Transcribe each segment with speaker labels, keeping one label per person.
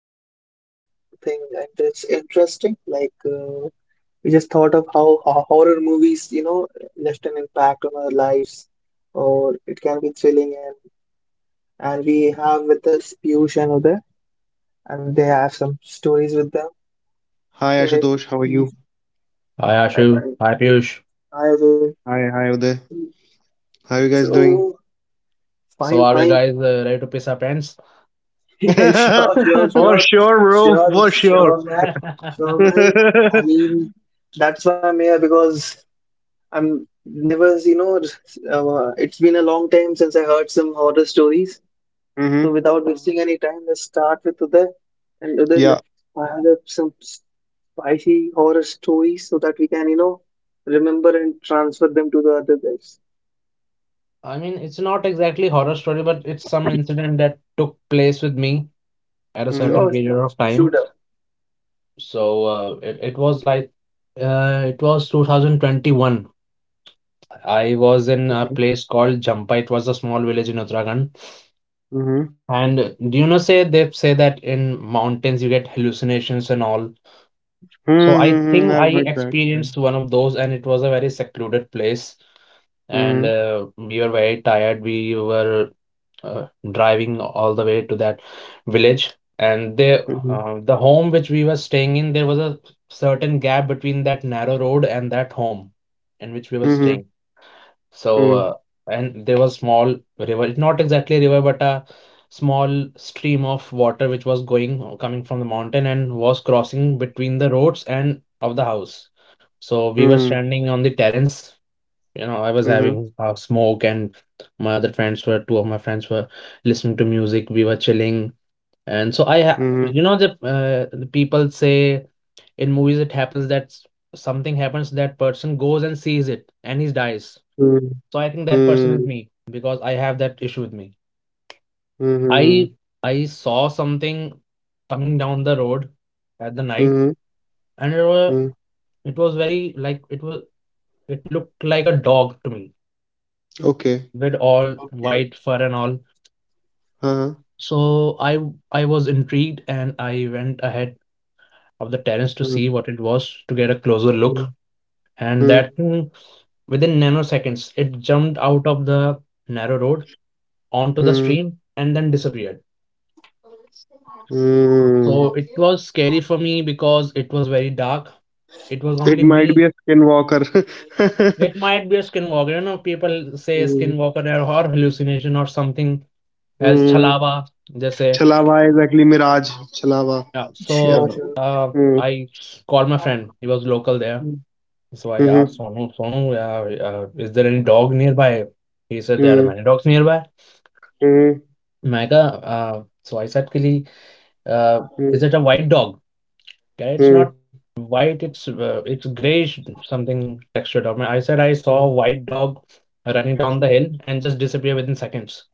Speaker 1: discuss something, and it's interesting. Like we just thought of how horror movies, left an impact on our lives, or it can be thrilling. And we have with us Piyush and Uday, and they have some stories with them.
Speaker 2: Hi
Speaker 1: So hey,
Speaker 2: Ashutosh, how are
Speaker 1: please,
Speaker 2: you?
Speaker 3: Hi
Speaker 1: I
Speaker 3: Ashu.
Speaker 1: find
Speaker 3: Hi Piyush.
Speaker 1: I will.
Speaker 2: Hi, hi Uday. How you guys doing?
Speaker 1: So fine,
Speaker 3: So are we
Speaker 1: fine.
Speaker 3: guys ready to piss our pants?
Speaker 1: Yeah, sure, sure,
Speaker 3: I
Speaker 2: For
Speaker 1: sure,
Speaker 2: sure, bro.
Speaker 1: sure,
Speaker 2: For sure.
Speaker 1: sure, man, sure, man.
Speaker 2: Mm-hmm.
Speaker 1: I mean, that's why I'm here because I'm never, it's been a long time since I heard some horror stories. So without wasting any time, let's start with Uday. And Uday, let's
Speaker 2: Yeah.
Speaker 1: fire up some spicy horror stories so that we can, remember and transfer them to the other guys.
Speaker 3: mean, it's not exactly horror story, but it's some incident that took place with me at a certain
Speaker 1: Sure,
Speaker 2: Mm-hmm.
Speaker 3: period
Speaker 1: man,
Speaker 3: of
Speaker 1: shoot
Speaker 3: time.
Speaker 1: up.
Speaker 3: So it was like it was 2021. I was in a
Speaker 2: Okay.
Speaker 3: place called Jampa. It was a small village in Uttarakhand.
Speaker 2: Mm-hmm.
Speaker 3: And do you know, say they say that in mountains you get hallucinations and all. So I
Speaker 2: Mm-hmm. I've
Speaker 3: think
Speaker 2: heard
Speaker 3: I
Speaker 2: that.
Speaker 3: experienced one of those, and it was a very secluded place, and
Speaker 2: Mm-hmm.
Speaker 3: we were very tired. We were uh, driving all the way to that village, and the
Speaker 2: Mm-hmm.
Speaker 3: uh, the home which we were staying in, there was a certain gap between that narrow road and that home in which we were
Speaker 2: Mm-hmm.
Speaker 3: staying. So,
Speaker 2: Mm-hmm.
Speaker 3: and there was small river. It's not exactly a river, but a small stream of water which was going coming from the mountain and was crossing between the roads and of the house. So we were
Speaker 2: Mm-hmm.
Speaker 3: standing on the terrace. I was having a smoke, and my other friends were two of my friends were listening to music. We were chilling. And so I
Speaker 2: Mm-hmm.
Speaker 3: ha- The people say in movies it happens that something happens, that person goes and sees it, and he dies.
Speaker 2: Mm-hmm.
Speaker 3: So I think that person is me because I have that issue with me. i
Speaker 2: Mm-hmm.
Speaker 3: i saw something coming down the road at the night,
Speaker 2: Mm-hmm.
Speaker 3: and it was very, like, it looked like a dog to me,
Speaker 2: Okay.
Speaker 3: with all
Speaker 1: Okay.
Speaker 3: white fur and all.
Speaker 2: Uh-huh.
Speaker 3: So I was intrigued, and I went ahead of the terrace to
Speaker 2: Mm-hmm.
Speaker 3: see what it was, to get a closer look. And
Speaker 2: Mm-hmm.
Speaker 3: that too, within nanoseconds, it jumped out of the narrow road onto the stream and then disappeared.
Speaker 2: Mm-hmm.
Speaker 3: So it was scary for me because it was very dark. It was
Speaker 2: It
Speaker 3: only
Speaker 2: might be
Speaker 3: me.
Speaker 2: a skinwalker.
Speaker 3: It might be a skinwalker, you know. People say skinwalker or hallucination or something else,
Speaker 2: Mm-hmm.
Speaker 3: chalawa, they say.
Speaker 2: छलावा exactly mirage. छलावा
Speaker 3: Yeah.
Speaker 2: या.
Speaker 1: Sure,
Speaker 3: So
Speaker 1: sure.
Speaker 3: uh,
Speaker 2: hmm.
Speaker 3: I called my friend. He was local there.
Speaker 2: Hmm.
Speaker 3: So I asked,
Speaker 2: hmm.
Speaker 3: "Sonu, Sonu, is there any dog nearby?" He said there are
Speaker 2: hmm.
Speaker 3: many dogs nearby.
Speaker 2: Hmm.
Speaker 3: Mega, so I said, "Kili, uh, is it a white dog?" Yeah, it's
Speaker 2: hmm.
Speaker 3: not white, it's grayish, something textured. I said I saw a white dog running down the hill and just disappear within seconds.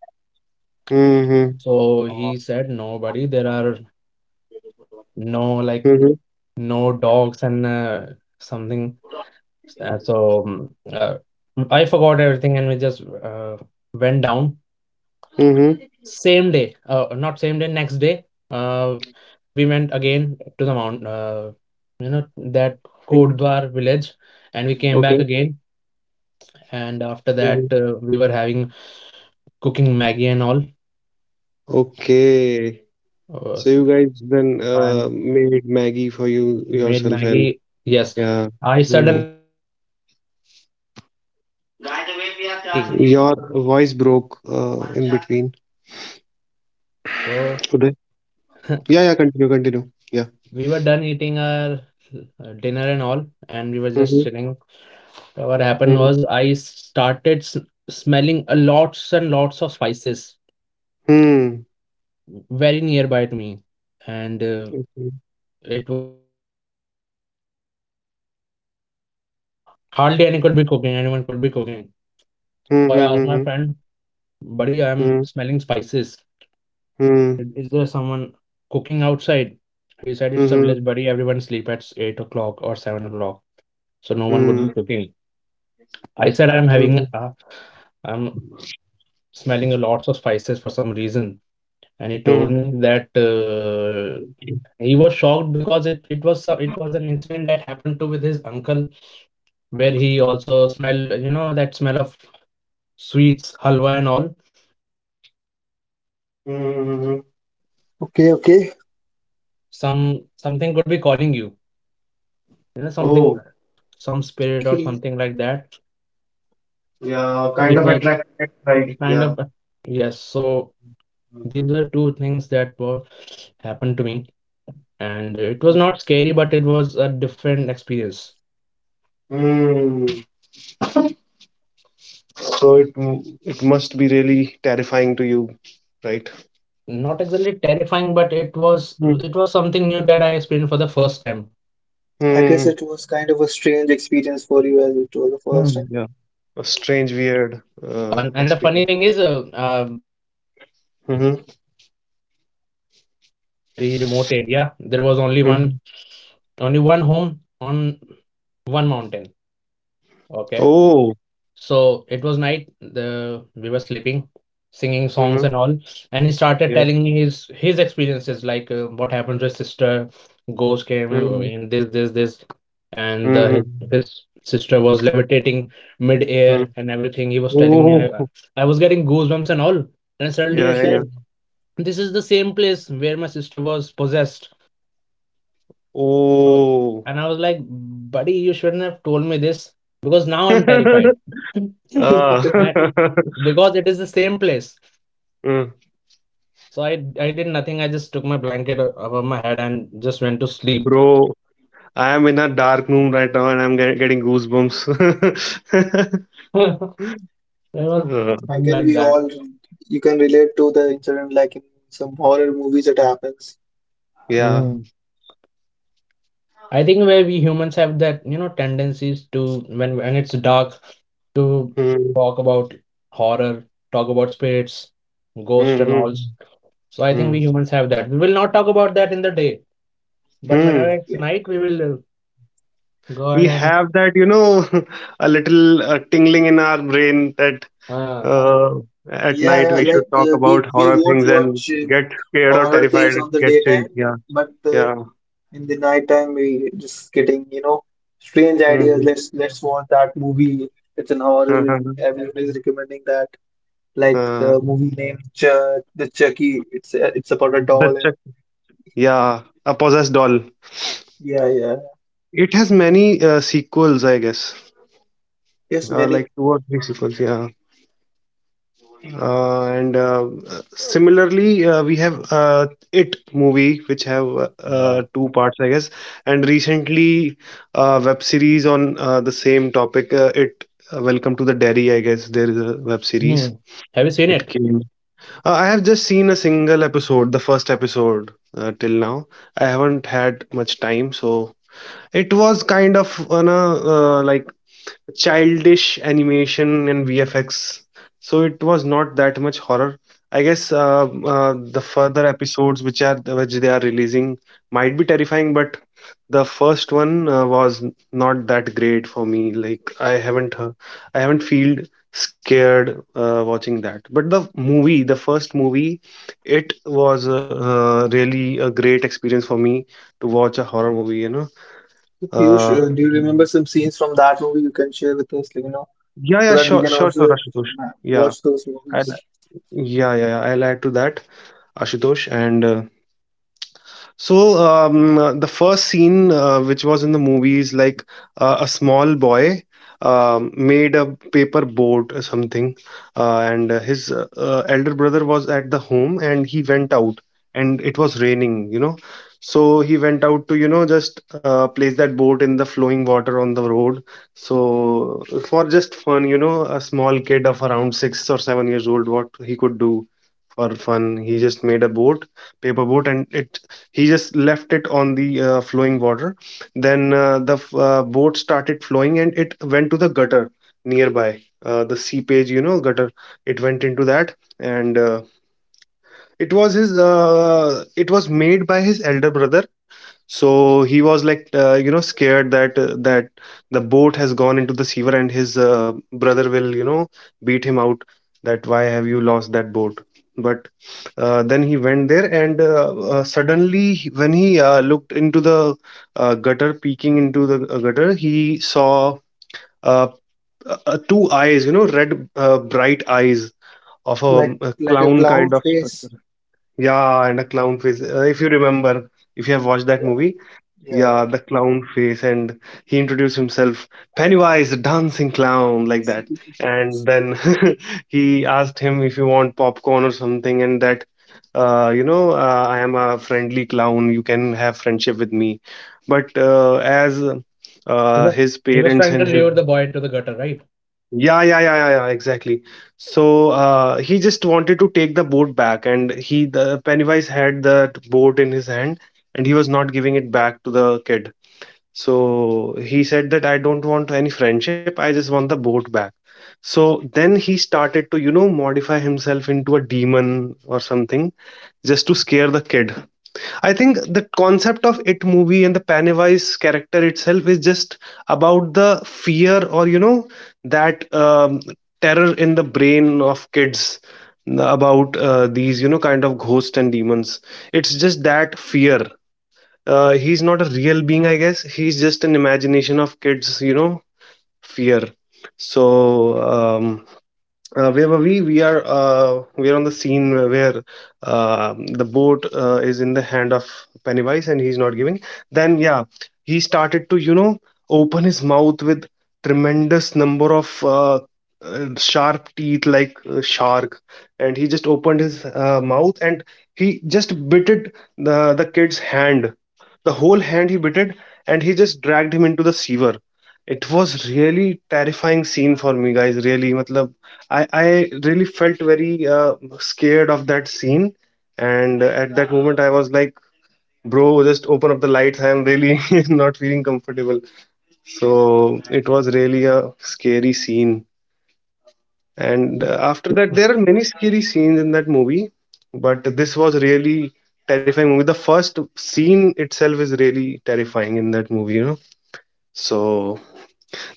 Speaker 2: Hmm.
Speaker 3: So he said, "No, buddy, there are no
Speaker 2: hmm.
Speaker 3: no dogs and something." Uh, so mm, uh, I forgot everything, and we just went down.
Speaker 2: Hmm.
Speaker 3: Same day, not same day, next day, uh, we went again to the that Kodwar village, and we came back
Speaker 2: Okay.
Speaker 3: again. And after that,
Speaker 2: Mhm.
Speaker 3: we were having cooking Maggie and all.
Speaker 2: Okay,
Speaker 3: Uh,
Speaker 2: so
Speaker 3: s-
Speaker 2: you guys then
Speaker 3: and
Speaker 2: made Maggie for you
Speaker 3: made
Speaker 2: yourself, and
Speaker 3: Maggie. Yes,
Speaker 2: yeah.
Speaker 3: I
Speaker 2: Hmm.
Speaker 3: suddenly what happened? My friend was cooking, and we were done eating.
Speaker 2: Your voice broke in between,
Speaker 3: So
Speaker 2: Uday. Yeah, yeah, continue, continue, yeah.
Speaker 3: we were done eating our dinner and all, and we were just
Speaker 2: Mm-hmm.
Speaker 3: chilling. So what happened was I started smelling a lots and lots of spices very nearby to me, and
Speaker 2: Hmm.
Speaker 3: it was 10 o'clock or something, and it was hardly anyone could be cooking. Anyone could be cooking. So I asked my
Speaker 2: Hmm.
Speaker 3: friend, "Buddy, I'm
Speaker 2: Mm,
Speaker 3: smelling spices.
Speaker 2: mm,
Speaker 3: Is there someone cooking outside?" He said, "It's a
Speaker 2: mhm,
Speaker 3: village, buddy. Everyone sleep at 8 o'clock or 7 o'clock, so no one would
Speaker 2: mm,
Speaker 3: be cooking." I said,
Speaker 2: mm,
Speaker 3: I'm smelling a lots of spices for some reason." And he told
Speaker 2: mm,
Speaker 3: me that he was shocked because it was it was an incident that happened to with his uncle, where he also smelled that smell of sweets, halwa and all. So they say on mountain, if you
Speaker 2: mm.
Speaker 3: smell these
Speaker 1: Okay, okay.
Speaker 3: things, some something could be calling you, you know something,
Speaker 2: Oh,
Speaker 3: some spirit or
Speaker 1: Okay,
Speaker 3: something like that.
Speaker 2: yeah,
Speaker 3: So
Speaker 2: kind
Speaker 3: it
Speaker 2: of
Speaker 3: was
Speaker 2: attracted, right?
Speaker 3: kind
Speaker 2: Yeah.
Speaker 3: of, yes, so these were two things that were happened to me, and it was not scary, but it was a different experience.
Speaker 2: Mm. So it must be really terrifying to you, right?
Speaker 3: Not exactly terrifying, but it was
Speaker 2: Mm.
Speaker 3: it was something new that I experienced for the first time.
Speaker 1: I guess
Speaker 2: Mm.
Speaker 1: it was kind of a strange experience for you as it was the first
Speaker 3: Hmm.
Speaker 1: time.
Speaker 2: Yeah. A strange, weird
Speaker 3: And the funny
Speaker 2: experience.
Speaker 3: thing is, I
Speaker 2: Mm-hmm.
Speaker 3: went to my friend's village, and it was a very remote area. There was
Speaker 2: Hmm.
Speaker 3: only one home on one mountain. Okay.
Speaker 2: Oh.
Speaker 3: So it was night. The We were sleeping, singing songs
Speaker 2: Mm-hmm.
Speaker 3: and all, and he started
Speaker 2: Yeah.
Speaker 3: telling me his experiences, like, what happened to his sister. Ghost came
Speaker 2: Mm-hmm.
Speaker 3: in, and this, and his
Speaker 2: Mm-hmm.
Speaker 3: his sister was levitating mid-air and everything. He was telling me, I I
Speaker 2: Oh.
Speaker 3: I was getting goosebumps and all. And suddenly I
Speaker 2: Yeah, yeah,
Speaker 3: said,
Speaker 2: yeah.
Speaker 3: "This is the same place where my sister was possessed." Oh.
Speaker 2: Oh.
Speaker 3: And I was like, "Buddy, you shouldn't have told me this, because now I'm terrified."
Speaker 1: Okay.
Speaker 2: Ah.
Speaker 3: And because it is the same place.
Speaker 2: Mm.
Speaker 3: So I did nothing. I just took my blanket above my head and just went to sleep.
Speaker 2: Bro. I am in a dark room right now and I'm getting goosebumps.
Speaker 3: There was
Speaker 2: Uh,
Speaker 1: I
Speaker 3: something
Speaker 1: guess
Speaker 3: like
Speaker 1: we
Speaker 3: that.
Speaker 1: all you can relate to the incident, like in some horror movies it happens.
Speaker 2: yeah.
Speaker 3: Mm. I think where we humans have that, tendencies to, when it's dark, to
Speaker 2: Hmm.
Speaker 3: talk about horror, talk about spirits, ghosts
Speaker 2: Hmm.
Speaker 3: and all.
Speaker 2: Hmm.
Speaker 3: So I think
Speaker 2: Hmm.
Speaker 3: we
Speaker 2: Hmm.
Speaker 3: humans have that. We will not talk about that in the day, but whenever
Speaker 2: Hmm.
Speaker 3: it's
Speaker 1: Yeah.
Speaker 3: night, we will go ahead
Speaker 2: We
Speaker 3: and
Speaker 2: have that, you know, a little tingling in our brain that
Speaker 3: uh,
Speaker 1: Like
Speaker 2: uh, at
Speaker 1: yeah,
Speaker 2: night
Speaker 1: yeah,
Speaker 2: we should
Speaker 1: like
Speaker 2: talk
Speaker 1: we
Speaker 2: about
Speaker 1: we
Speaker 2: horror
Speaker 1: won't
Speaker 2: things and
Speaker 1: watch
Speaker 2: get scared or
Speaker 1: horror
Speaker 2: terrified,
Speaker 1: things on the
Speaker 2: get chilled.
Speaker 1: daytime,
Speaker 2: Yeah.
Speaker 1: but
Speaker 2: Yeah.
Speaker 1: in the nighttime we just getting, strange ideas.
Speaker 2: Mm-hmm.
Speaker 1: Let's watch that movie. It's an horror.
Speaker 2: Uh-huh.
Speaker 1: Everyone is recommending that. Like
Speaker 2: Uh,
Speaker 1: the movie named Ch the Chucky. It's about a
Speaker 2: the
Speaker 1: doll.
Speaker 2: check. Yeah. A possessed doll.
Speaker 1: Yeah, yeah.
Speaker 2: It has many sequels, I guess.
Speaker 1: Yes,
Speaker 2: Like
Speaker 1: many.
Speaker 2: two or three sequels. Yeah. And similarly we have It movie, which have
Speaker 3: uh,
Speaker 2: two parts, I guess, and recently web series on the same topic it Welcome to the Dairy, I guess there is a web
Speaker 3: hmm.
Speaker 2: series.
Speaker 3: Have you seen
Speaker 2: It
Speaker 3: it?
Speaker 2: came. I have just seen a single episode, the first episode, till now. I haven't had much time, so it was kind of on a uh, like childish animation and VFX. So it was not that much horror. I guess the further episodes which are which they are releasing might be terrifying, but the first one was not that great for me. Like I haven't feel scared watching that. But the movie, the first movie, it was really a great experience for me to watch a horror movie, you know.
Speaker 1: So, Piyush,
Speaker 2: Uh,
Speaker 1: do you remember some scenes from that movie you can share with us, like,
Speaker 2: yeah,
Speaker 1: so
Speaker 2: yeah,
Speaker 1: that we
Speaker 2: sure,
Speaker 1: can
Speaker 2: sure, sure,
Speaker 1: also
Speaker 2: Ashutosh. Yeah.
Speaker 1: watch those
Speaker 2: I'll,
Speaker 1: movies?
Speaker 2: yeah, yeah, yeah, I'll add to that, Ashutosh, and the first scene, which was in the movie, is like a small boy made a paper boat or something, and his elder brother was at the home, and he went out, and it was raining, you know. So he went out to, you know, just place that boat in the flowing water on the road. So for just fun, you know, a small kid of around 6 or 7 years old, what he could do for fun, he just made a boat paper boat and it he just left it on the flowing water. Then the boat started flowing and it went to the gutter nearby, the seepage, you know, gutter. It went into that, and it was made by his elder brother, so he was like, you know, scared that the boat has gone into the sewer and his brother will, you know, beat him out, that why have you lost that boat. But then he went there, and suddenly, when he looked into the gutter, peeking into the gutter, he saw uh, two eyes, you know, red, bright eyes of
Speaker 1: Like,
Speaker 2: a
Speaker 1: like a
Speaker 2: clown
Speaker 1: clown
Speaker 2: kind of
Speaker 1: face.
Speaker 2: structure. Yeah, and a clown face. If you remember, if you have watched that
Speaker 1: Yeah,
Speaker 2: movie,
Speaker 1: yeah,
Speaker 2: yeah,
Speaker 1: yeah.
Speaker 2: the clown face, and he introduced himself, Pennywise, the dancing clown, like
Speaker 1: So,
Speaker 2: that.
Speaker 1: Piyush,
Speaker 2: And then he asked him if you want popcorn or something, and that, you know, I am a friendly clown. You can have friendship with me. But uh, as
Speaker 3: He
Speaker 2: uh,
Speaker 3: was
Speaker 2: his
Speaker 3: he was
Speaker 2: parents
Speaker 3: trying to
Speaker 2: and his,
Speaker 3: lure the boy into the gutter, right?
Speaker 2: yeah, yeah, yeah, yeah, yeah, exactly. So he just wanted to take the boat back, and he the Pennywise had that boat in his hand, and he was not giving it back to the kid, so he said that I don't want any friendship, I just want the boat back. So then he started to, you know, modify himself into a demon or something, just to scare the kid. I think the concept of It movie and the Pennywise character itself is just about the fear, or, you know, that, terror in the brain of kids about these, you know, kind of ghosts and demons. It's just that fear. He's not a real being, I guess. He's just an imagination of kids, you know, fear. So, um, where were we? We are on the scene where, the boat is in the hand of Pennywise and he's not giving. Then yeah, he started to, you know, open his mouth with tremendous number of sharp teeth like a shark, and he just opened his mouth and he just bitted the kid's hand, the whole hand he bitted, and he just dragged him into the sewer. It was really terrifying scene for me, guys. Really, मतलब, I really felt very scared of that scene. And at that moment, I was like, bro, just open up the lights. I'm really not feeling comfortable. So it was really a scary scene. And
Speaker 3: Mhm.
Speaker 2: after that, there are many scary scenes in that movie, but this was really terrifying movie. The first scene itself is really terrifying in that movie, you know. So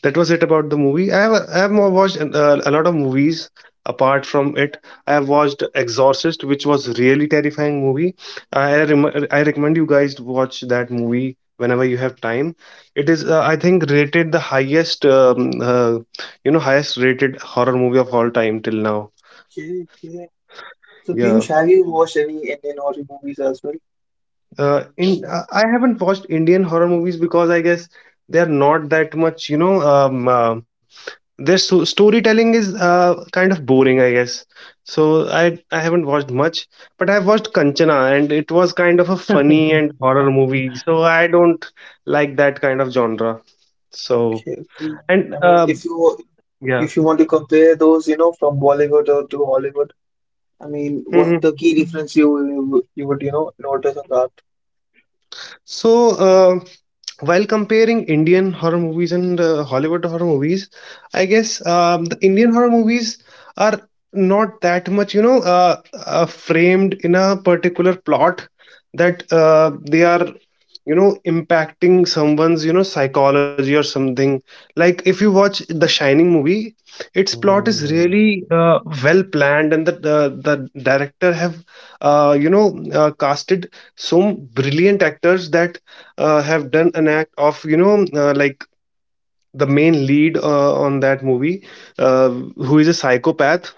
Speaker 2: that was it about the movie. I have more watched a lot of movies apart from it. I have watched Exorcist, which was really terrifying movie. I recommend you guys to watch that movie whenever you have time. It is I think rated the highest, you know, highest rated horror movie of all time till now.
Speaker 1: Okay, okay. So,
Speaker 2: Yeah.
Speaker 1: Piyush, have you watched any Indian horror movies as well?
Speaker 2: In I haven't watched Indian horror movies because I guess they are not that much, you know, their storytelling is kind of boring, I guess, so I haven't watched much. But I've watched Kanchana, and it was kind of a funny and horror movie, so I don't like that kind of genre. So,
Speaker 1: Okay, okay.
Speaker 2: and
Speaker 1: I mean,
Speaker 2: yeah.
Speaker 1: if you want to compare those, from Bollywood or to Hollywood, I mean, what the
Speaker 2: Mhm.
Speaker 1: key difference you would, notice on that?
Speaker 2: So uh, while comparing Indian horror movies and Hollywood horror movies, I guess the Indian horror movies are not that much, you know, framed in a particular plot, that they are, you know, impacting someone's, you know, psychology or something. Like if you watch the Shining movie, its plot is
Speaker 3: Mm,
Speaker 2: really well planned, and the director have, you know, casted some brilliant actors, that have done an act of, you know, like the main lead on that movie, who is a psychopath,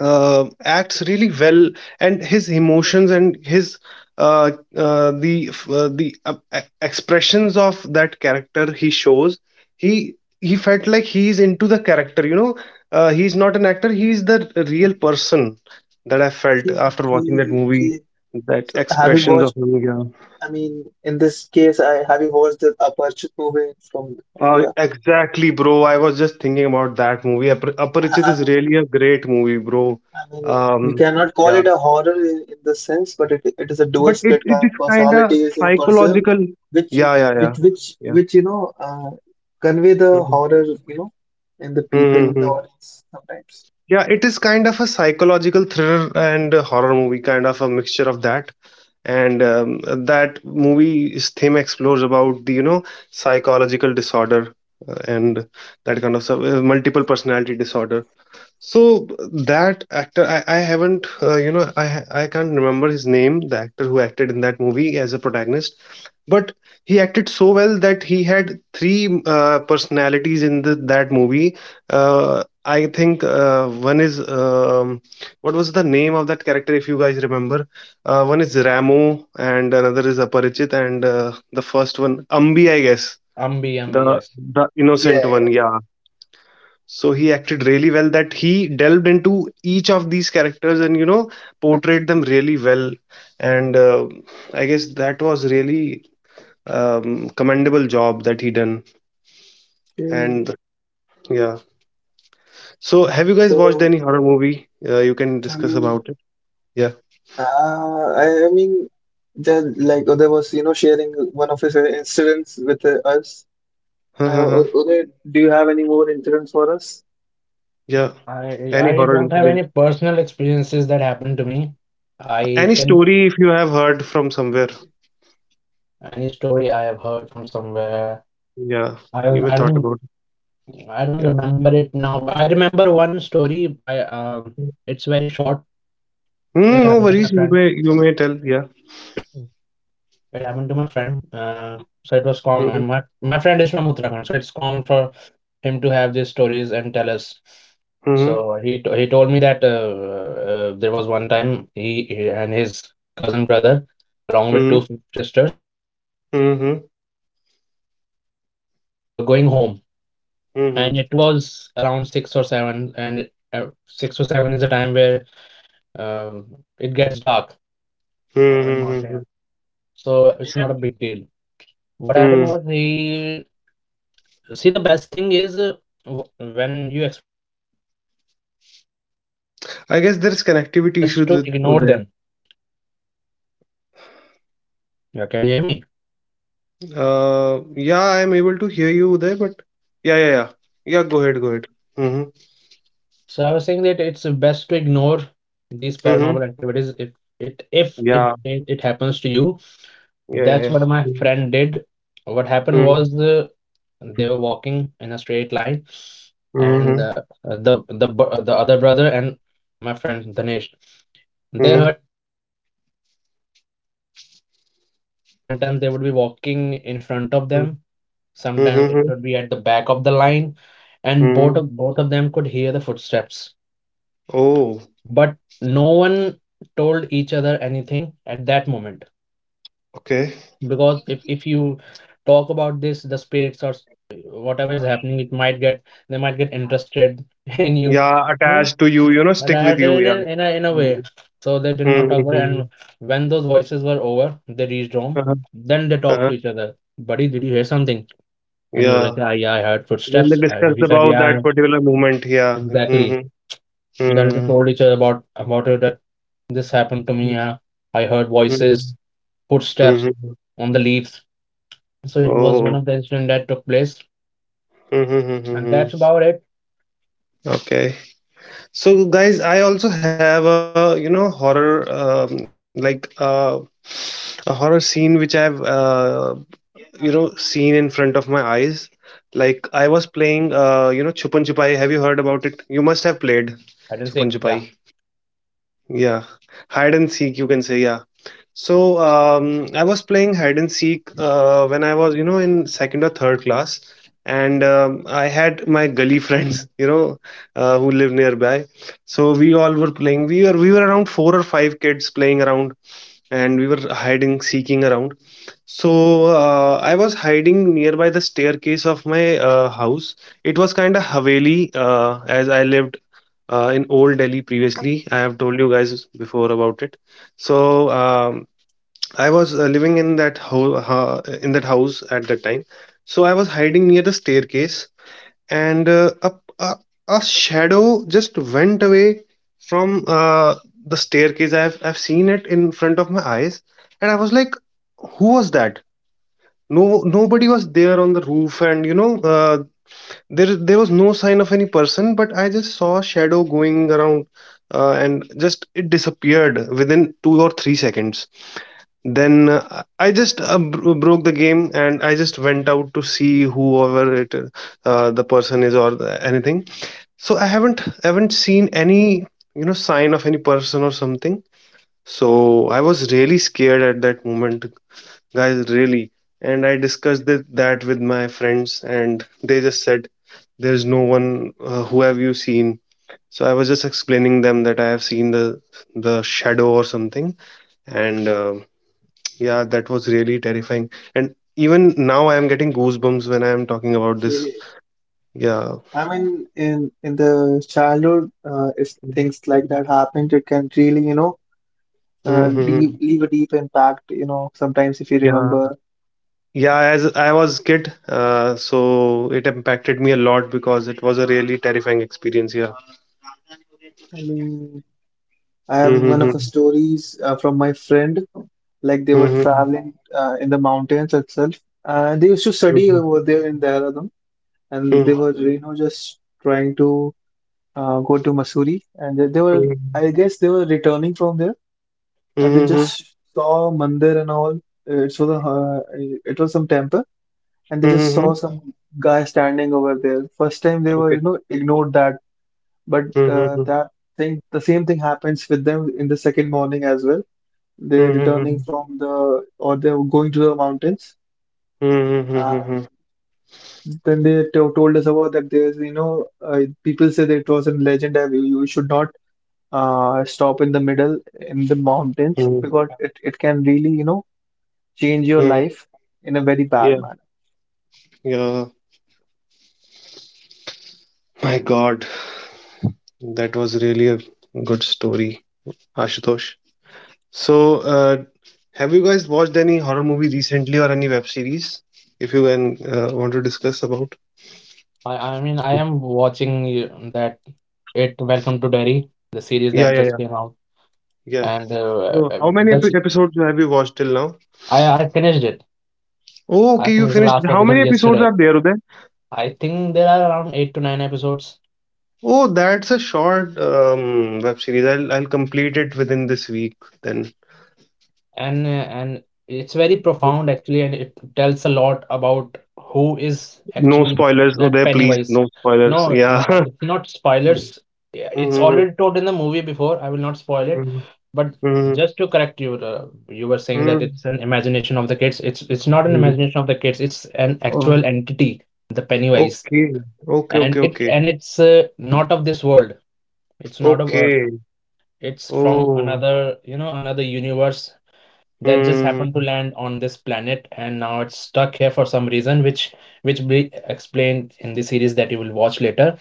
Speaker 2: acts really well, and his emotions and his, the expressions of that character he shows, he he felt like he's into the character, you know, he's not an actor, he's the real person, that I felt
Speaker 1: Okay,
Speaker 2: after watching that
Speaker 1: okay,
Speaker 2: movie,
Speaker 1: okay.
Speaker 2: that
Speaker 1: So, have you
Speaker 2: expressions
Speaker 1: watched
Speaker 2: of him, yeah.
Speaker 1: I mean, in this case, I have you watched the Aperture movie from India?
Speaker 2: Exactly, bro. I was just thinking about that movie. Aparichit
Speaker 1: I,
Speaker 2: is
Speaker 1: I'm-
Speaker 2: really a great movie, bro.
Speaker 1: I mean, we
Speaker 2: Um,
Speaker 1: cannot call
Speaker 2: yeah,
Speaker 1: it a horror in this sense, but it is a dual
Speaker 2: but it
Speaker 1: split
Speaker 2: it is kind
Speaker 1: personality
Speaker 2: of
Speaker 1: is a person
Speaker 2: psychological.
Speaker 1: which
Speaker 2: Yeah, yeah, yeah,
Speaker 1: which which
Speaker 2: yeah.
Speaker 1: which convey the
Speaker 2: Mhm.
Speaker 1: horror, in the people in the
Speaker 2: Mm-hmm.
Speaker 1: audience sometimes.
Speaker 2: Yeah, it is kind of a psychological thriller and a horror movie, kind of a mixture of that. And that movie's theme explores about the, you know, psychological disorder, and that kind of stuff, multiple personality disorder. So that actor, I haven't, you know, I can't remember his name, the actor who acted in that movie as a protagonist, but he acted so well that he had three personalities in the, that movie. I think one is, what was the name of that character, if you guys remember? One is Ramo, and another is Aparichit, and the first one, Ambi, I guess,
Speaker 3: Ambi, Ambi, yes.
Speaker 2: the innocent one.
Speaker 1: Yeah.
Speaker 2: Yeah, so he acted really well that he delved into each of these characters and, you know, portrayed them really well, and I guess that was really, commendable job that he done,
Speaker 1: Yeah. Mm.
Speaker 2: and yeah. So have you guys watched
Speaker 1: So
Speaker 2: any horror movie, you can
Speaker 1: I
Speaker 2: discuss
Speaker 1: mean,
Speaker 2: about it? Yeah.
Speaker 1: uh, I mean, like there was, sharing one of his incidents with us.
Speaker 2: Uh-huh-huh.
Speaker 1: Uday, do you have any more incidents for us?
Speaker 2: Yeah,
Speaker 3: I
Speaker 2: any
Speaker 3: I
Speaker 2: horror
Speaker 3: don't have
Speaker 2: incident,
Speaker 3: any personal experiences that happened to me. I
Speaker 2: any
Speaker 3: can
Speaker 2: story if you have heard from somewhere,
Speaker 3: Any story I have heard from somewhere.
Speaker 2: yeah,
Speaker 3: I
Speaker 2: you
Speaker 3: don't
Speaker 2: may
Speaker 3: I
Speaker 2: thought
Speaker 3: don't
Speaker 2: about it.
Speaker 3: I don't
Speaker 2: Yeah.
Speaker 3: remember it now. But I remember one story. I It's very short.
Speaker 2: Mm,
Speaker 3: It
Speaker 2: no
Speaker 3: happened to
Speaker 2: worries,
Speaker 3: my
Speaker 2: you
Speaker 3: friend.
Speaker 2: may, you may tell, yeah.
Speaker 3: It happened to my friend. So it was common.
Speaker 2: Mm-hmm.
Speaker 3: And my friend is from Uttarakhand, so it's common for him to have these stories and tell us.
Speaker 2: Mm-hmm.
Speaker 3: So he told me that, there was one time, he and his cousin brother, along with
Speaker 2: Mm-hmm.
Speaker 3: two sisters, they were
Speaker 2: Mm-hmm.
Speaker 3: traveling on to the mountains. They were going home,
Speaker 2: Mm-hmm.
Speaker 3: and it was around six or seven. And six or seven is the time where, uh, it gets dark
Speaker 2: Hmm,
Speaker 3: over the
Speaker 2: hmm, hmm,
Speaker 3: mountain, so it's not a big deal. What happened
Speaker 2: hmm, hmm.
Speaker 3: was he see, the best thing is, w- when you experience these things, these paranormal
Speaker 2: I guess
Speaker 3: activities or
Speaker 2: there's
Speaker 3: something, it's
Speaker 2: connectivity
Speaker 3: best
Speaker 2: issues
Speaker 3: to
Speaker 2: with
Speaker 3: ignore
Speaker 2: Uday.
Speaker 3: them. Yeah, can you hear me?
Speaker 2: Yeah, I'm able to hear you, Uday, but yeah, yeah, yeah. Yeah, go ahead, go ahead. Mm-hmm.
Speaker 3: So I was saying that it's best to ignore these
Speaker 2: Mm-hmm.
Speaker 3: paranormal activities, if it
Speaker 2: Yeah,
Speaker 3: it happens to you.
Speaker 2: yeah,
Speaker 3: That's
Speaker 2: yeah.
Speaker 3: what my friend did. What happened
Speaker 2: Mm-hmm.
Speaker 3: was, they were walking in a straight line, and
Speaker 2: Mm-hmm.
Speaker 3: the other brother and my friend Dhanesh, they
Speaker 2: Mm-hmm.
Speaker 3: heard footsteps walking past them. Sometimes they would be walking in front of them, sometimes it
Speaker 2: Mm-hmm.
Speaker 3: would be at the back of the line, and
Speaker 2: Mm-hmm.
Speaker 3: both of them could hear the footsteps.
Speaker 2: Oh,
Speaker 3: But no one told each other anything at that moment,
Speaker 2: okay.
Speaker 3: because if you talk about this, the spirits or whatever is happening, it might get they might get interested in you.
Speaker 2: Yeah,
Speaker 3: Yeah.
Speaker 2: attached to you, stick with
Speaker 3: That
Speaker 2: you,
Speaker 3: in
Speaker 2: yeah.
Speaker 3: a, in a
Speaker 2: Mm-hmm.
Speaker 3: way. So they did not talk about it.
Speaker 2: Mm-hmm.
Speaker 3: And when those voices were over, they reached home.
Speaker 2: Uh-huh.
Speaker 3: Then they talked to
Speaker 2: Uh-huh.
Speaker 3: each other. "Buddy, did you hear something?" And he was like,
Speaker 2: Yeah.
Speaker 3: "Yeah, yeah, I heard
Speaker 2: Then they
Speaker 3: footsteps."
Speaker 2: discussed
Speaker 3: He said,
Speaker 2: about
Speaker 3: "Yeah,
Speaker 2: that particular moment, yeah.
Speaker 3: exactly."
Speaker 2: Mm-hmm.
Speaker 3: And then they
Speaker 2: Mm-hmm.
Speaker 3: told each other about it that this happened to me. Yeah, I heard voices, footsteps
Speaker 2: Mm-hmm.
Speaker 3: on the leaves. So it was one
Speaker 2: Oh,
Speaker 3: of the incident that took place, and
Speaker 2: mm-hmm,
Speaker 3: that's about it.
Speaker 2: okay. So, guys, I also have a horror, like, a horror scene which I've seen in front of my eyes. Like I was playing Chupan Chupai. Have you heard about it? You must have played
Speaker 3: I didn't
Speaker 2: Chupan
Speaker 3: say, yeah,
Speaker 2: Chupai. Yeah, hide and seek. You can say, yeah. So I was playing hide and seek when I was, you know, in second or third class, and I had my gully friends, who live nearby. So we all were playing.
Speaker 3: uh-huh.
Speaker 2: We were around 4 or 5 kids playing around, and we were hiding, seeking around. So I was hiding nearby the staircase of my house. It was kind of haveli, as I lived in Old Delhi previously. I have told you guys before about it. So I was living in in that house at that time, so I was hiding near the staircase, and a a shadow just went away from the staircase. I've seen it in front of my eyes, and I was like, "Who was that?" No, nobody was there on the roof, and there was no sign of any person. But I just saw a shadow going around, and just it disappeared within 2 or 3 seconds. Then I just broke the game, and I just went out to see whoever it, the person is, or the, anything. So I haven't seen any sign of any person or something. So I was really scared at that moment, guys, really. And I discussed that with my friends, and they just said there's no one. Who have you seen? So I was just explaining them that I have seen the shadow or something. And yeah, that was really terrifying. And even now, I am getting goosebumps when I am talking about this.
Speaker 1: Okay.
Speaker 2: Yeah.
Speaker 1: I mean, in the childhood, if things like that happened, it can really,
Speaker 2: Hmm.
Speaker 1: leave a deep impact. Sometimes if you
Speaker 2: Yeah.
Speaker 1: remember,
Speaker 2: Yeah, as I was kid, so it impacted me a lot because it was a really terrifying experience. Yeah.
Speaker 1: I mean, I have one of the
Speaker 2: Mm-hmm.
Speaker 1: stories from my friend. Like they were
Speaker 2: Mm-hmm.
Speaker 1: traveling in the mountains itself. They used to study
Speaker 2: Mm-hmm.
Speaker 1: over there in Dehradun, and they were, just trying to go to Mussoorie, and they were,
Speaker 2: Mm-hmm.
Speaker 1: I guess, they were returning from there, and they
Speaker 2: Mm-hmm.
Speaker 1: just saw mandir and all. It so the it was some temple, and they just
Speaker 2: Mm-hmm.
Speaker 1: saw some guy standing over there. First time they were,
Speaker 2: Okay.
Speaker 1: ignored that, but
Speaker 2: Mm-hmm.
Speaker 1: that thing the same thing happens with them in the second morning as well. They're returning
Speaker 2: Mm-hmm.
Speaker 1: from the or they're going to the mountains. Uh,
Speaker 2: Mm-hmm.
Speaker 1: then they told us about that there's, people say that it was a legend that you should not stop in the middle in the mountains, because it can really, change your
Speaker 2: Mm-hmm.
Speaker 1: life in a very
Speaker 2: Yeah.
Speaker 1: bad manner.
Speaker 2: Yeah. My God, that was really a good story, Ashutosh. So, have you guys watched any horror movie recently or any web series? If you can, want to discuss about.
Speaker 3: I mean, I am watching that It, Welcome to Derry, the series
Speaker 2: Yeah,
Speaker 3: that
Speaker 2: yeah,
Speaker 3: just
Speaker 2: yeah,
Speaker 3: came out,
Speaker 2: yeah.
Speaker 3: and
Speaker 2: So, how many
Speaker 3: that's
Speaker 2: episodes have you watched till now?
Speaker 3: I finished it.
Speaker 2: Oh,
Speaker 3: I
Speaker 2: okay, you
Speaker 3: finished the
Speaker 2: finished.
Speaker 3: last
Speaker 2: How
Speaker 3: episode
Speaker 2: many episodes
Speaker 3: yesterday.
Speaker 2: are there, Uday?
Speaker 3: I think there are around eight to nine episodes,
Speaker 2: Oh, that's a short, web series. I'll complete it within this week. Then
Speaker 3: and uh, and it's very profound actually, and it tells a lot about who is
Speaker 2: no
Speaker 3: actually
Speaker 2: spoilers,
Speaker 3: that
Speaker 2: Uday. Please,
Speaker 3: Pennywise.
Speaker 2: no spoilers.
Speaker 3: No,
Speaker 2: Yeah.
Speaker 3: no, it's not spoilers. Yeah, it's
Speaker 2: Mhm,
Speaker 3: already told in the movie before. I will not spoil it.
Speaker 2: mhm,
Speaker 3: But
Speaker 2: mhm,
Speaker 3: just to correct you, you were saying that
Speaker 2: mhm.
Speaker 3: it's an imagination of the kids. It's not an imagination of the kids, it's an
Speaker 2: Oh,
Speaker 3: actual entity, the Pennywise.
Speaker 2: okay, okay, okay, okay,
Speaker 3: And it's, not of this world. It's not of Earth.
Speaker 2: okay.
Speaker 3: It's from
Speaker 2: Oh,
Speaker 3: another, another universe, that just happened to
Speaker 2: hmm.
Speaker 3: land on this planet, and now it's stuck here for some reason, which we explained in the series that you will watch later.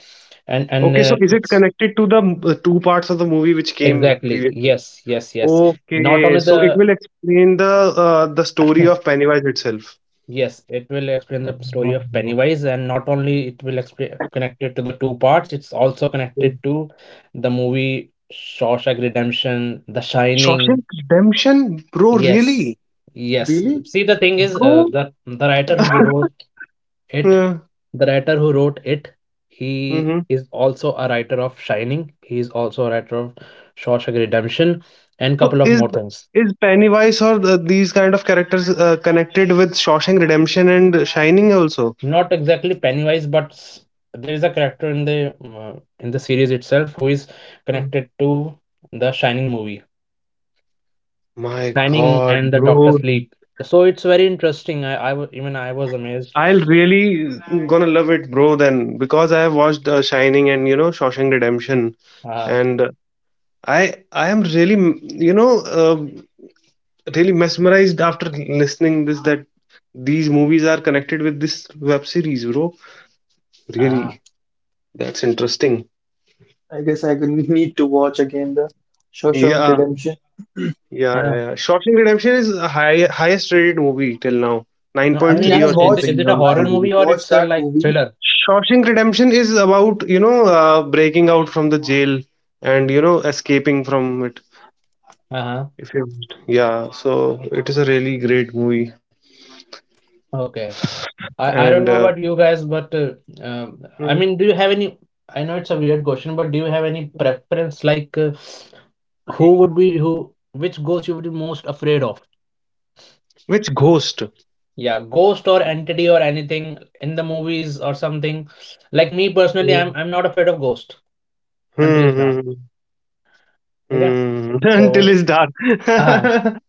Speaker 3: and and
Speaker 2: Okay, so
Speaker 3: uh,
Speaker 2: is it
Speaker 3: it's
Speaker 2: connected to the, two parts of the movie which came
Speaker 3: exactly,
Speaker 2: previously?
Speaker 3: yes, yes, yes. not
Speaker 2: Okay,
Speaker 3: only
Speaker 2: so it
Speaker 3: the
Speaker 2: will explain the story of Pennywise itself.
Speaker 3: Yes, it will explain the story of
Speaker 2: Oh,
Speaker 3: Pennywise, and not only it will explain, connect it to the two parts, it's also
Speaker 2: okay.
Speaker 3: connected to the movie Shawshank Redemption, The Shining.
Speaker 2: Shawshank Redemption, bro,
Speaker 3: Yes,
Speaker 2: really?
Speaker 3: yes,
Speaker 1: Really?
Speaker 3: see, the thing is,
Speaker 2: Bro?
Speaker 3: It,
Speaker 2: Yeah.
Speaker 3: the writer who wrote it, he
Speaker 2: Hmm.
Speaker 3: is also a writer of Shining. He is also a writer of Shawshank Redemption, and
Speaker 2: So
Speaker 3: couple of
Speaker 2: is
Speaker 3: more things.
Speaker 2: is Pennywise or the, these kind of characters, connected with Shawshank Redemption and Shining also?
Speaker 3: Not exactly Pennywise, but there is a character in in the series itself who is
Speaker 2: Mm.
Speaker 3: connected to the Shining movie,
Speaker 2: My
Speaker 3: Shining
Speaker 2: God,
Speaker 3: and the Doctor
Speaker 2: bro.
Speaker 3: Sleep. So it's very interesting. Even I was amazed.
Speaker 2: I'll really gonna love it, bro. Then because I have watched, Shining and, Shawshank Redemption,
Speaker 3: Uh,
Speaker 2: and I am really, really mesmerized after listening this that these movies are connected with this web series, bro.
Speaker 3: ah,
Speaker 2: Really, that's interesting.
Speaker 3: is Shawshank
Speaker 1: I
Speaker 3: Redemption a
Speaker 1: guess
Speaker 3: horror
Speaker 1: I will
Speaker 3: movie?
Speaker 1: need to watch again the Shawshank
Speaker 2: Yeah,
Speaker 1: Redemption.
Speaker 2: yeah, yeah,
Speaker 3: Uh,
Speaker 2: yeah. Shawshank Redemption is a highest rated movie till now, nine
Speaker 3: no,
Speaker 1: I
Speaker 3: I
Speaker 2: point
Speaker 1: mean,
Speaker 3: mean,
Speaker 2: three
Speaker 1: I
Speaker 3: it's
Speaker 2: or
Speaker 3: is it,
Speaker 2: something
Speaker 1: watched,
Speaker 3: a
Speaker 2: on.
Speaker 3: horror
Speaker 1: I
Speaker 3: movie, or
Speaker 1: watched that
Speaker 3: like
Speaker 1: movie.
Speaker 3: thriller?
Speaker 2: Shawshank Redemption is about, breaking out from the jail, and escaping from it.
Speaker 3: Uh-huh.
Speaker 2: If you Yeah, so it is a really great movie.
Speaker 3: Okay. I
Speaker 2: And
Speaker 3: don't know about you guys, but um, I
Speaker 2: hmm,
Speaker 3: mean, do you have any? I know it's a weird question, but do you have any preference, like, who would be who, which ghost you would be most afraid of?
Speaker 2: which ghost?
Speaker 3: Yeah, ghost or entity or anything in the movies or something. Like me personally, I'm
Speaker 2: Hmm,
Speaker 3: I'm not afraid of ghost until it's dark.
Speaker 2: hmm, hmm,
Speaker 3: Okay?
Speaker 2: hmm. Until
Speaker 3: So
Speaker 2: it's dark.
Speaker 3: uh,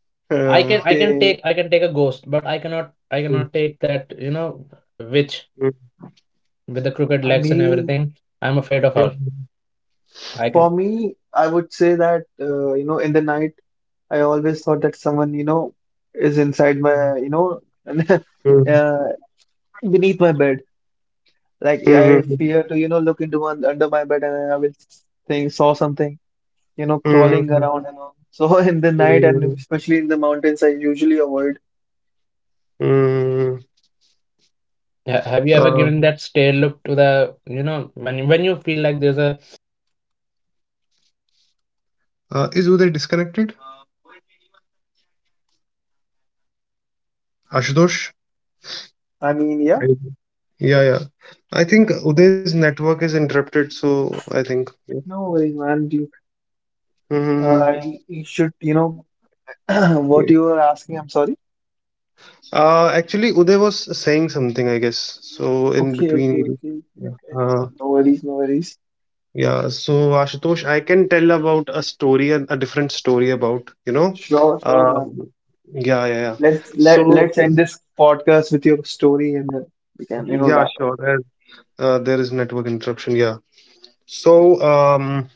Speaker 2: Uh,
Speaker 1: Okay.
Speaker 3: I can take a ghost, but I
Speaker 2: hmm,
Speaker 3: cannot take that, witch
Speaker 2: hmm,
Speaker 3: with the crooked
Speaker 1: I
Speaker 3: legs and
Speaker 1: mean,
Speaker 3: everything. I'm afraid of her.
Speaker 2: hmm,
Speaker 3: I
Speaker 1: for
Speaker 3: can.
Speaker 1: me, I would say that in the night, I always thought that someone, is inside my,
Speaker 2: hmm,
Speaker 1: uh, beneath my bed. Like I
Speaker 2: hmm,
Speaker 1: fear to, look into one under my bed, and I will think saw something,
Speaker 2: hmm,
Speaker 1: crawling
Speaker 2: hmm,
Speaker 1: around and all. So in the night and
Speaker 2: hmm.
Speaker 1: especially in the mountains, I usually avoid.
Speaker 2: Hmm.
Speaker 3: Yeah, have you ever
Speaker 2: Uh,
Speaker 3: given that stare look to the, when you feel like there's a something watching you in your room,
Speaker 2: is Uday
Speaker 3: have you
Speaker 2: disconnected?
Speaker 3: ever given a stare, that that stare, just to assert your
Speaker 2: Ashutosh?
Speaker 3: dominance?
Speaker 1: I mean, yeah,
Speaker 3: Has it
Speaker 2: I-
Speaker 3: happened to you?
Speaker 2: Yeah, yeah. I think Uday's network is interrupted, so I think. Yeah.
Speaker 1: no worries, man.
Speaker 3: Hello guys, can you hear me?
Speaker 2: Mm-hmm.
Speaker 1: You should, what
Speaker 2: Yeah.
Speaker 1: you were asking. I'm sorry.
Speaker 2: Actually, Uday was saying something, I guess. So in
Speaker 1: Okay,
Speaker 3: Piyush,
Speaker 2: between,
Speaker 1: okay, okay,
Speaker 3: Ashutosh.
Speaker 1: okay,
Speaker 2: yeah.
Speaker 1: okay. No worries, no worries.
Speaker 2: Yeah. So, Ashutosh, I can tell about a story, a different story about,
Speaker 1: Sure, sure,
Speaker 2: uh,
Speaker 1: man.
Speaker 2: yeah, yeah, yeah.
Speaker 1: Let's let
Speaker 2: So,
Speaker 1: let's end this podcast with your story and then we can,
Speaker 2: yeah,
Speaker 1: wrap up.
Speaker 2: sure. There is network interruption. Yeah. So um.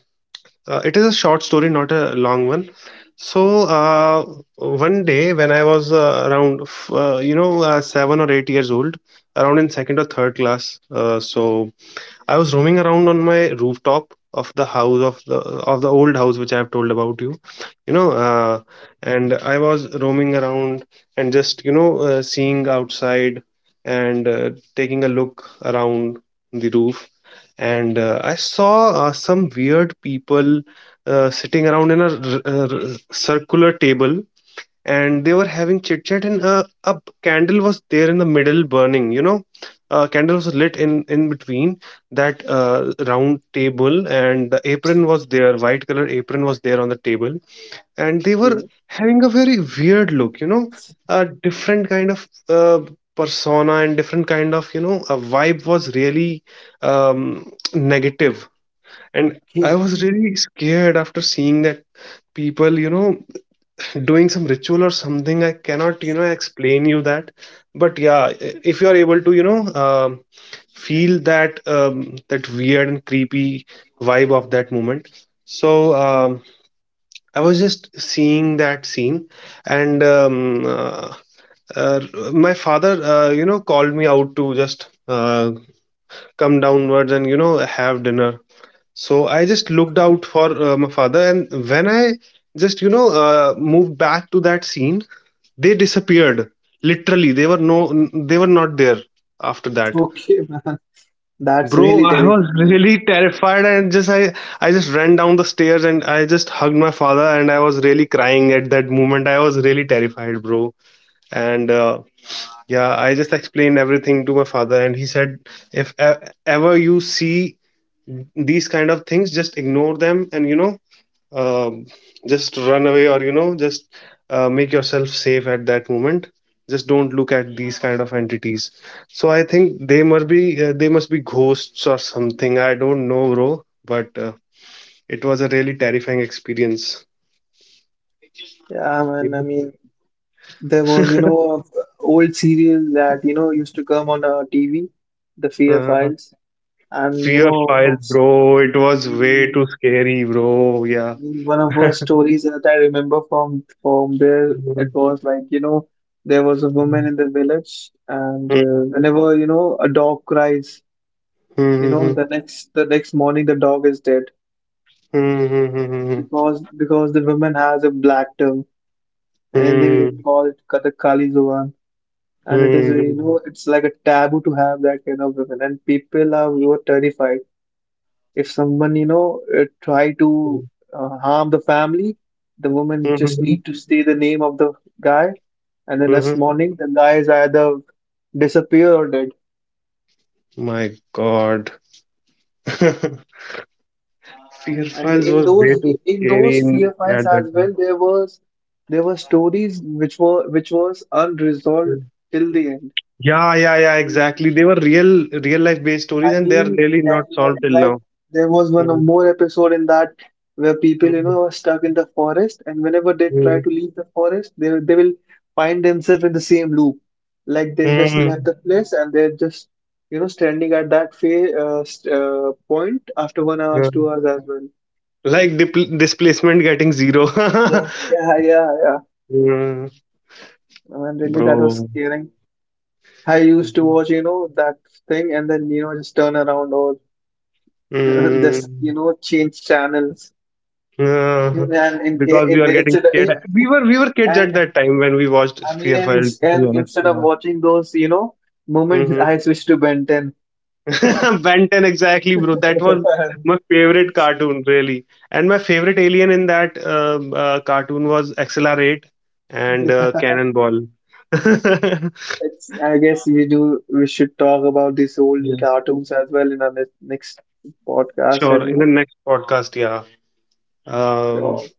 Speaker 2: It is a short story, not a long one. So one day when I was, around, you know, 7 or 8 years old, around in second or third class. So I was roaming around on my rooftop of the house, of the old house which I have told about you, you know, uh, and I was roaming around and just, seeing outside and taking a look around the roof, and I saw some weird people sitting around in a circular table. And they were having chit chat, and a candle was there in the middle burning. A candle was lit in between that, round table, and the apron was there, white color apron was there on the table. And they were
Speaker 1: Yeah.
Speaker 2: having a very weird look, a different kind of persona, and different kind of, a vibe was really, negative. And
Speaker 1: Okay,
Speaker 2: I
Speaker 1: okay,
Speaker 2: was really scared after seeing that people, doing some ritual or something. I cannot, explain you that, but yeah. If you are able to, feel that, that weird and creepy vibe of that moment. So I was just seeing that scene. And uh, my father, called me out to just come downwards and have dinner. So I just looked out for my father, and when I just, moved back to that scene, they disappeared. Literally, they were no, they were not there after that.
Speaker 1: okay, man. That's
Speaker 2: Bro,
Speaker 1: really
Speaker 2: I was
Speaker 1: terrifying. I mean,
Speaker 2: really terrified, and just I just ran down the stairs, and I just hugged my father, and I was really crying at that moment. I was really terrified, bro. And yeah, I just explained everything to my father, and he said, if ever you see these kind of things, just ignore them. And um, just run away, or just make yourself safe at that moment. Just don't look at these kind of entities. So I think they must be ghosts or something. I don't know, bro, but it was a really terrifying experience.
Speaker 1: yeah, man. I
Speaker 2: You
Speaker 1: mean. There was,
Speaker 2: know?
Speaker 1: a old serial that, used to come on TV, The Fear
Speaker 2: uh,
Speaker 1: Files. And,
Speaker 2: Fear file,
Speaker 1: once,
Speaker 2: bro, it
Speaker 1: I
Speaker 2: was way
Speaker 1: mean,
Speaker 2: too scary, bro.
Speaker 1: I
Speaker 2: Yeah.
Speaker 1: mean, one of the stories that I remember from there, it was like, there was a woman in the village, and whenever, a dog cries, the next morning the dog is dead, because the woman has a black tongue, and in Hindi we call it Kathakali Zuban. And it is you know it's like a taboo to have that kind of women, and people are were terrified. If someone, try to harm the family, the woman just need to say the name of the guy, and then next morning the guy is either disappear or dead.
Speaker 2: My God, Fear
Speaker 1: I mean,
Speaker 2: Files
Speaker 1: in
Speaker 2: was
Speaker 1: those,
Speaker 2: way too scary
Speaker 1: fear
Speaker 2: in,
Speaker 1: files
Speaker 2: at that
Speaker 1: as
Speaker 2: time.
Speaker 1: well, there were stories which was unresolved till the
Speaker 2: Yeah, yeah, yeah,
Speaker 1: end.
Speaker 2: exactly. They were real, real life based stories,
Speaker 1: I
Speaker 2: and they are
Speaker 1: mean,
Speaker 2: really not
Speaker 1: that, like,
Speaker 2: solved till
Speaker 1: like
Speaker 2: now.
Speaker 1: there was one or
Speaker 2: Mm,
Speaker 1: more episode in that where people,
Speaker 2: mm,
Speaker 1: are stuck in the forest, and whenever they try
Speaker 2: mm,
Speaker 1: to leave the forest, they will find themselves in the same loop. Like they just left
Speaker 2: mm,
Speaker 1: the place and they're just, standing at that point after one
Speaker 2: yeah.
Speaker 1: hours, 2 hours as well.
Speaker 2: Like, dipl displacement getting zero.
Speaker 1: Yeah, yeah, yeah, yeah.
Speaker 2: Mm,
Speaker 1: And really, that was
Speaker 2: bro.
Speaker 1: scaring. I used to watch, that thing, and then, just turn around, or just,
Speaker 2: Mm,
Speaker 1: change channels.
Speaker 2: yeah.
Speaker 1: And in, ca-
Speaker 2: Because we
Speaker 1: in,
Speaker 2: were getting
Speaker 1: instead
Speaker 2: scared. We were kids at
Speaker 1: and
Speaker 2: that time when we watched
Speaker 1: I mean,
Speaker 2: Fear
Speaker 1: and,
Speaker 2: Files,
Speaker 1: ins-
Speaker 2: to be
Speaker 1: and
Speaker 2: honest.
Speaker 1: instead of
Speaker 2: Yeah.
Speaker 1: watching those, moments,
Speaker 2: Hmm, hmm.
Speaker 1: I switch to Ben 10.
Speaker 2: Ben 10, exactly, bro. That was my favorite cartoon, really. And my favorite alien in that, cartoon was Accelerate and,
Speaker 1: Yeah.
Speaker 2: Cannonball.
Speaker 1: I guess we should talk about these
Speaker 2: Yeah.
Speaker 1: old cartoons as well in our next podcast,
Speaker 2: Sure.
Speaker 1: and,
Speaker 2: In the next podcast, yeah. Um,
Speaker 1: sure.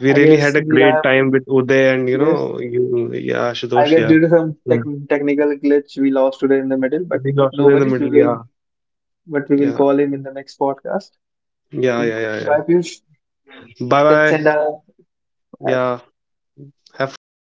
Speaker 2: we
Speaker 1: I
Speaker 2: really
Speaker 1: guess
Speaker 2: had a
Speaker 1: we
Speaker 2: great
Speaker 1: have
Speaker 2: time with Uday and,
Speaker 1: Yes.
Speaker 2: you, yeah,
Speaker 1: I
Speaker 2: Ashutosh,
Speaker 1: guess
Speaker 2: yeah.
Speaker 1: due to some
Speaker 2: Yeah.
Speaker 1: technical glitch, we lost today in the middle, but
Speaker 2: We got
Speaker 1: no
Speaker 2: Uday in the
Speaker 1: worries, we
Speaker 2: middle,
Speaker 1: will
Speaker 2: yeah.
Speaker 1: but we will
Speaker 2: Yeah.
Speaker 1: call him in the next podcast.
Speaker 2: Yeah,
Speaker 1: So
Speaker 2: yeah, yeah,
Speaker 1: bye
Speaker 2: yeah.
Speaker 1: Piyush,
Speaker 2: Bye
Speaker 1: let's send
Speaker 2: bye.
Speaker 1: a
Speaker 2: Yeah. Have fun.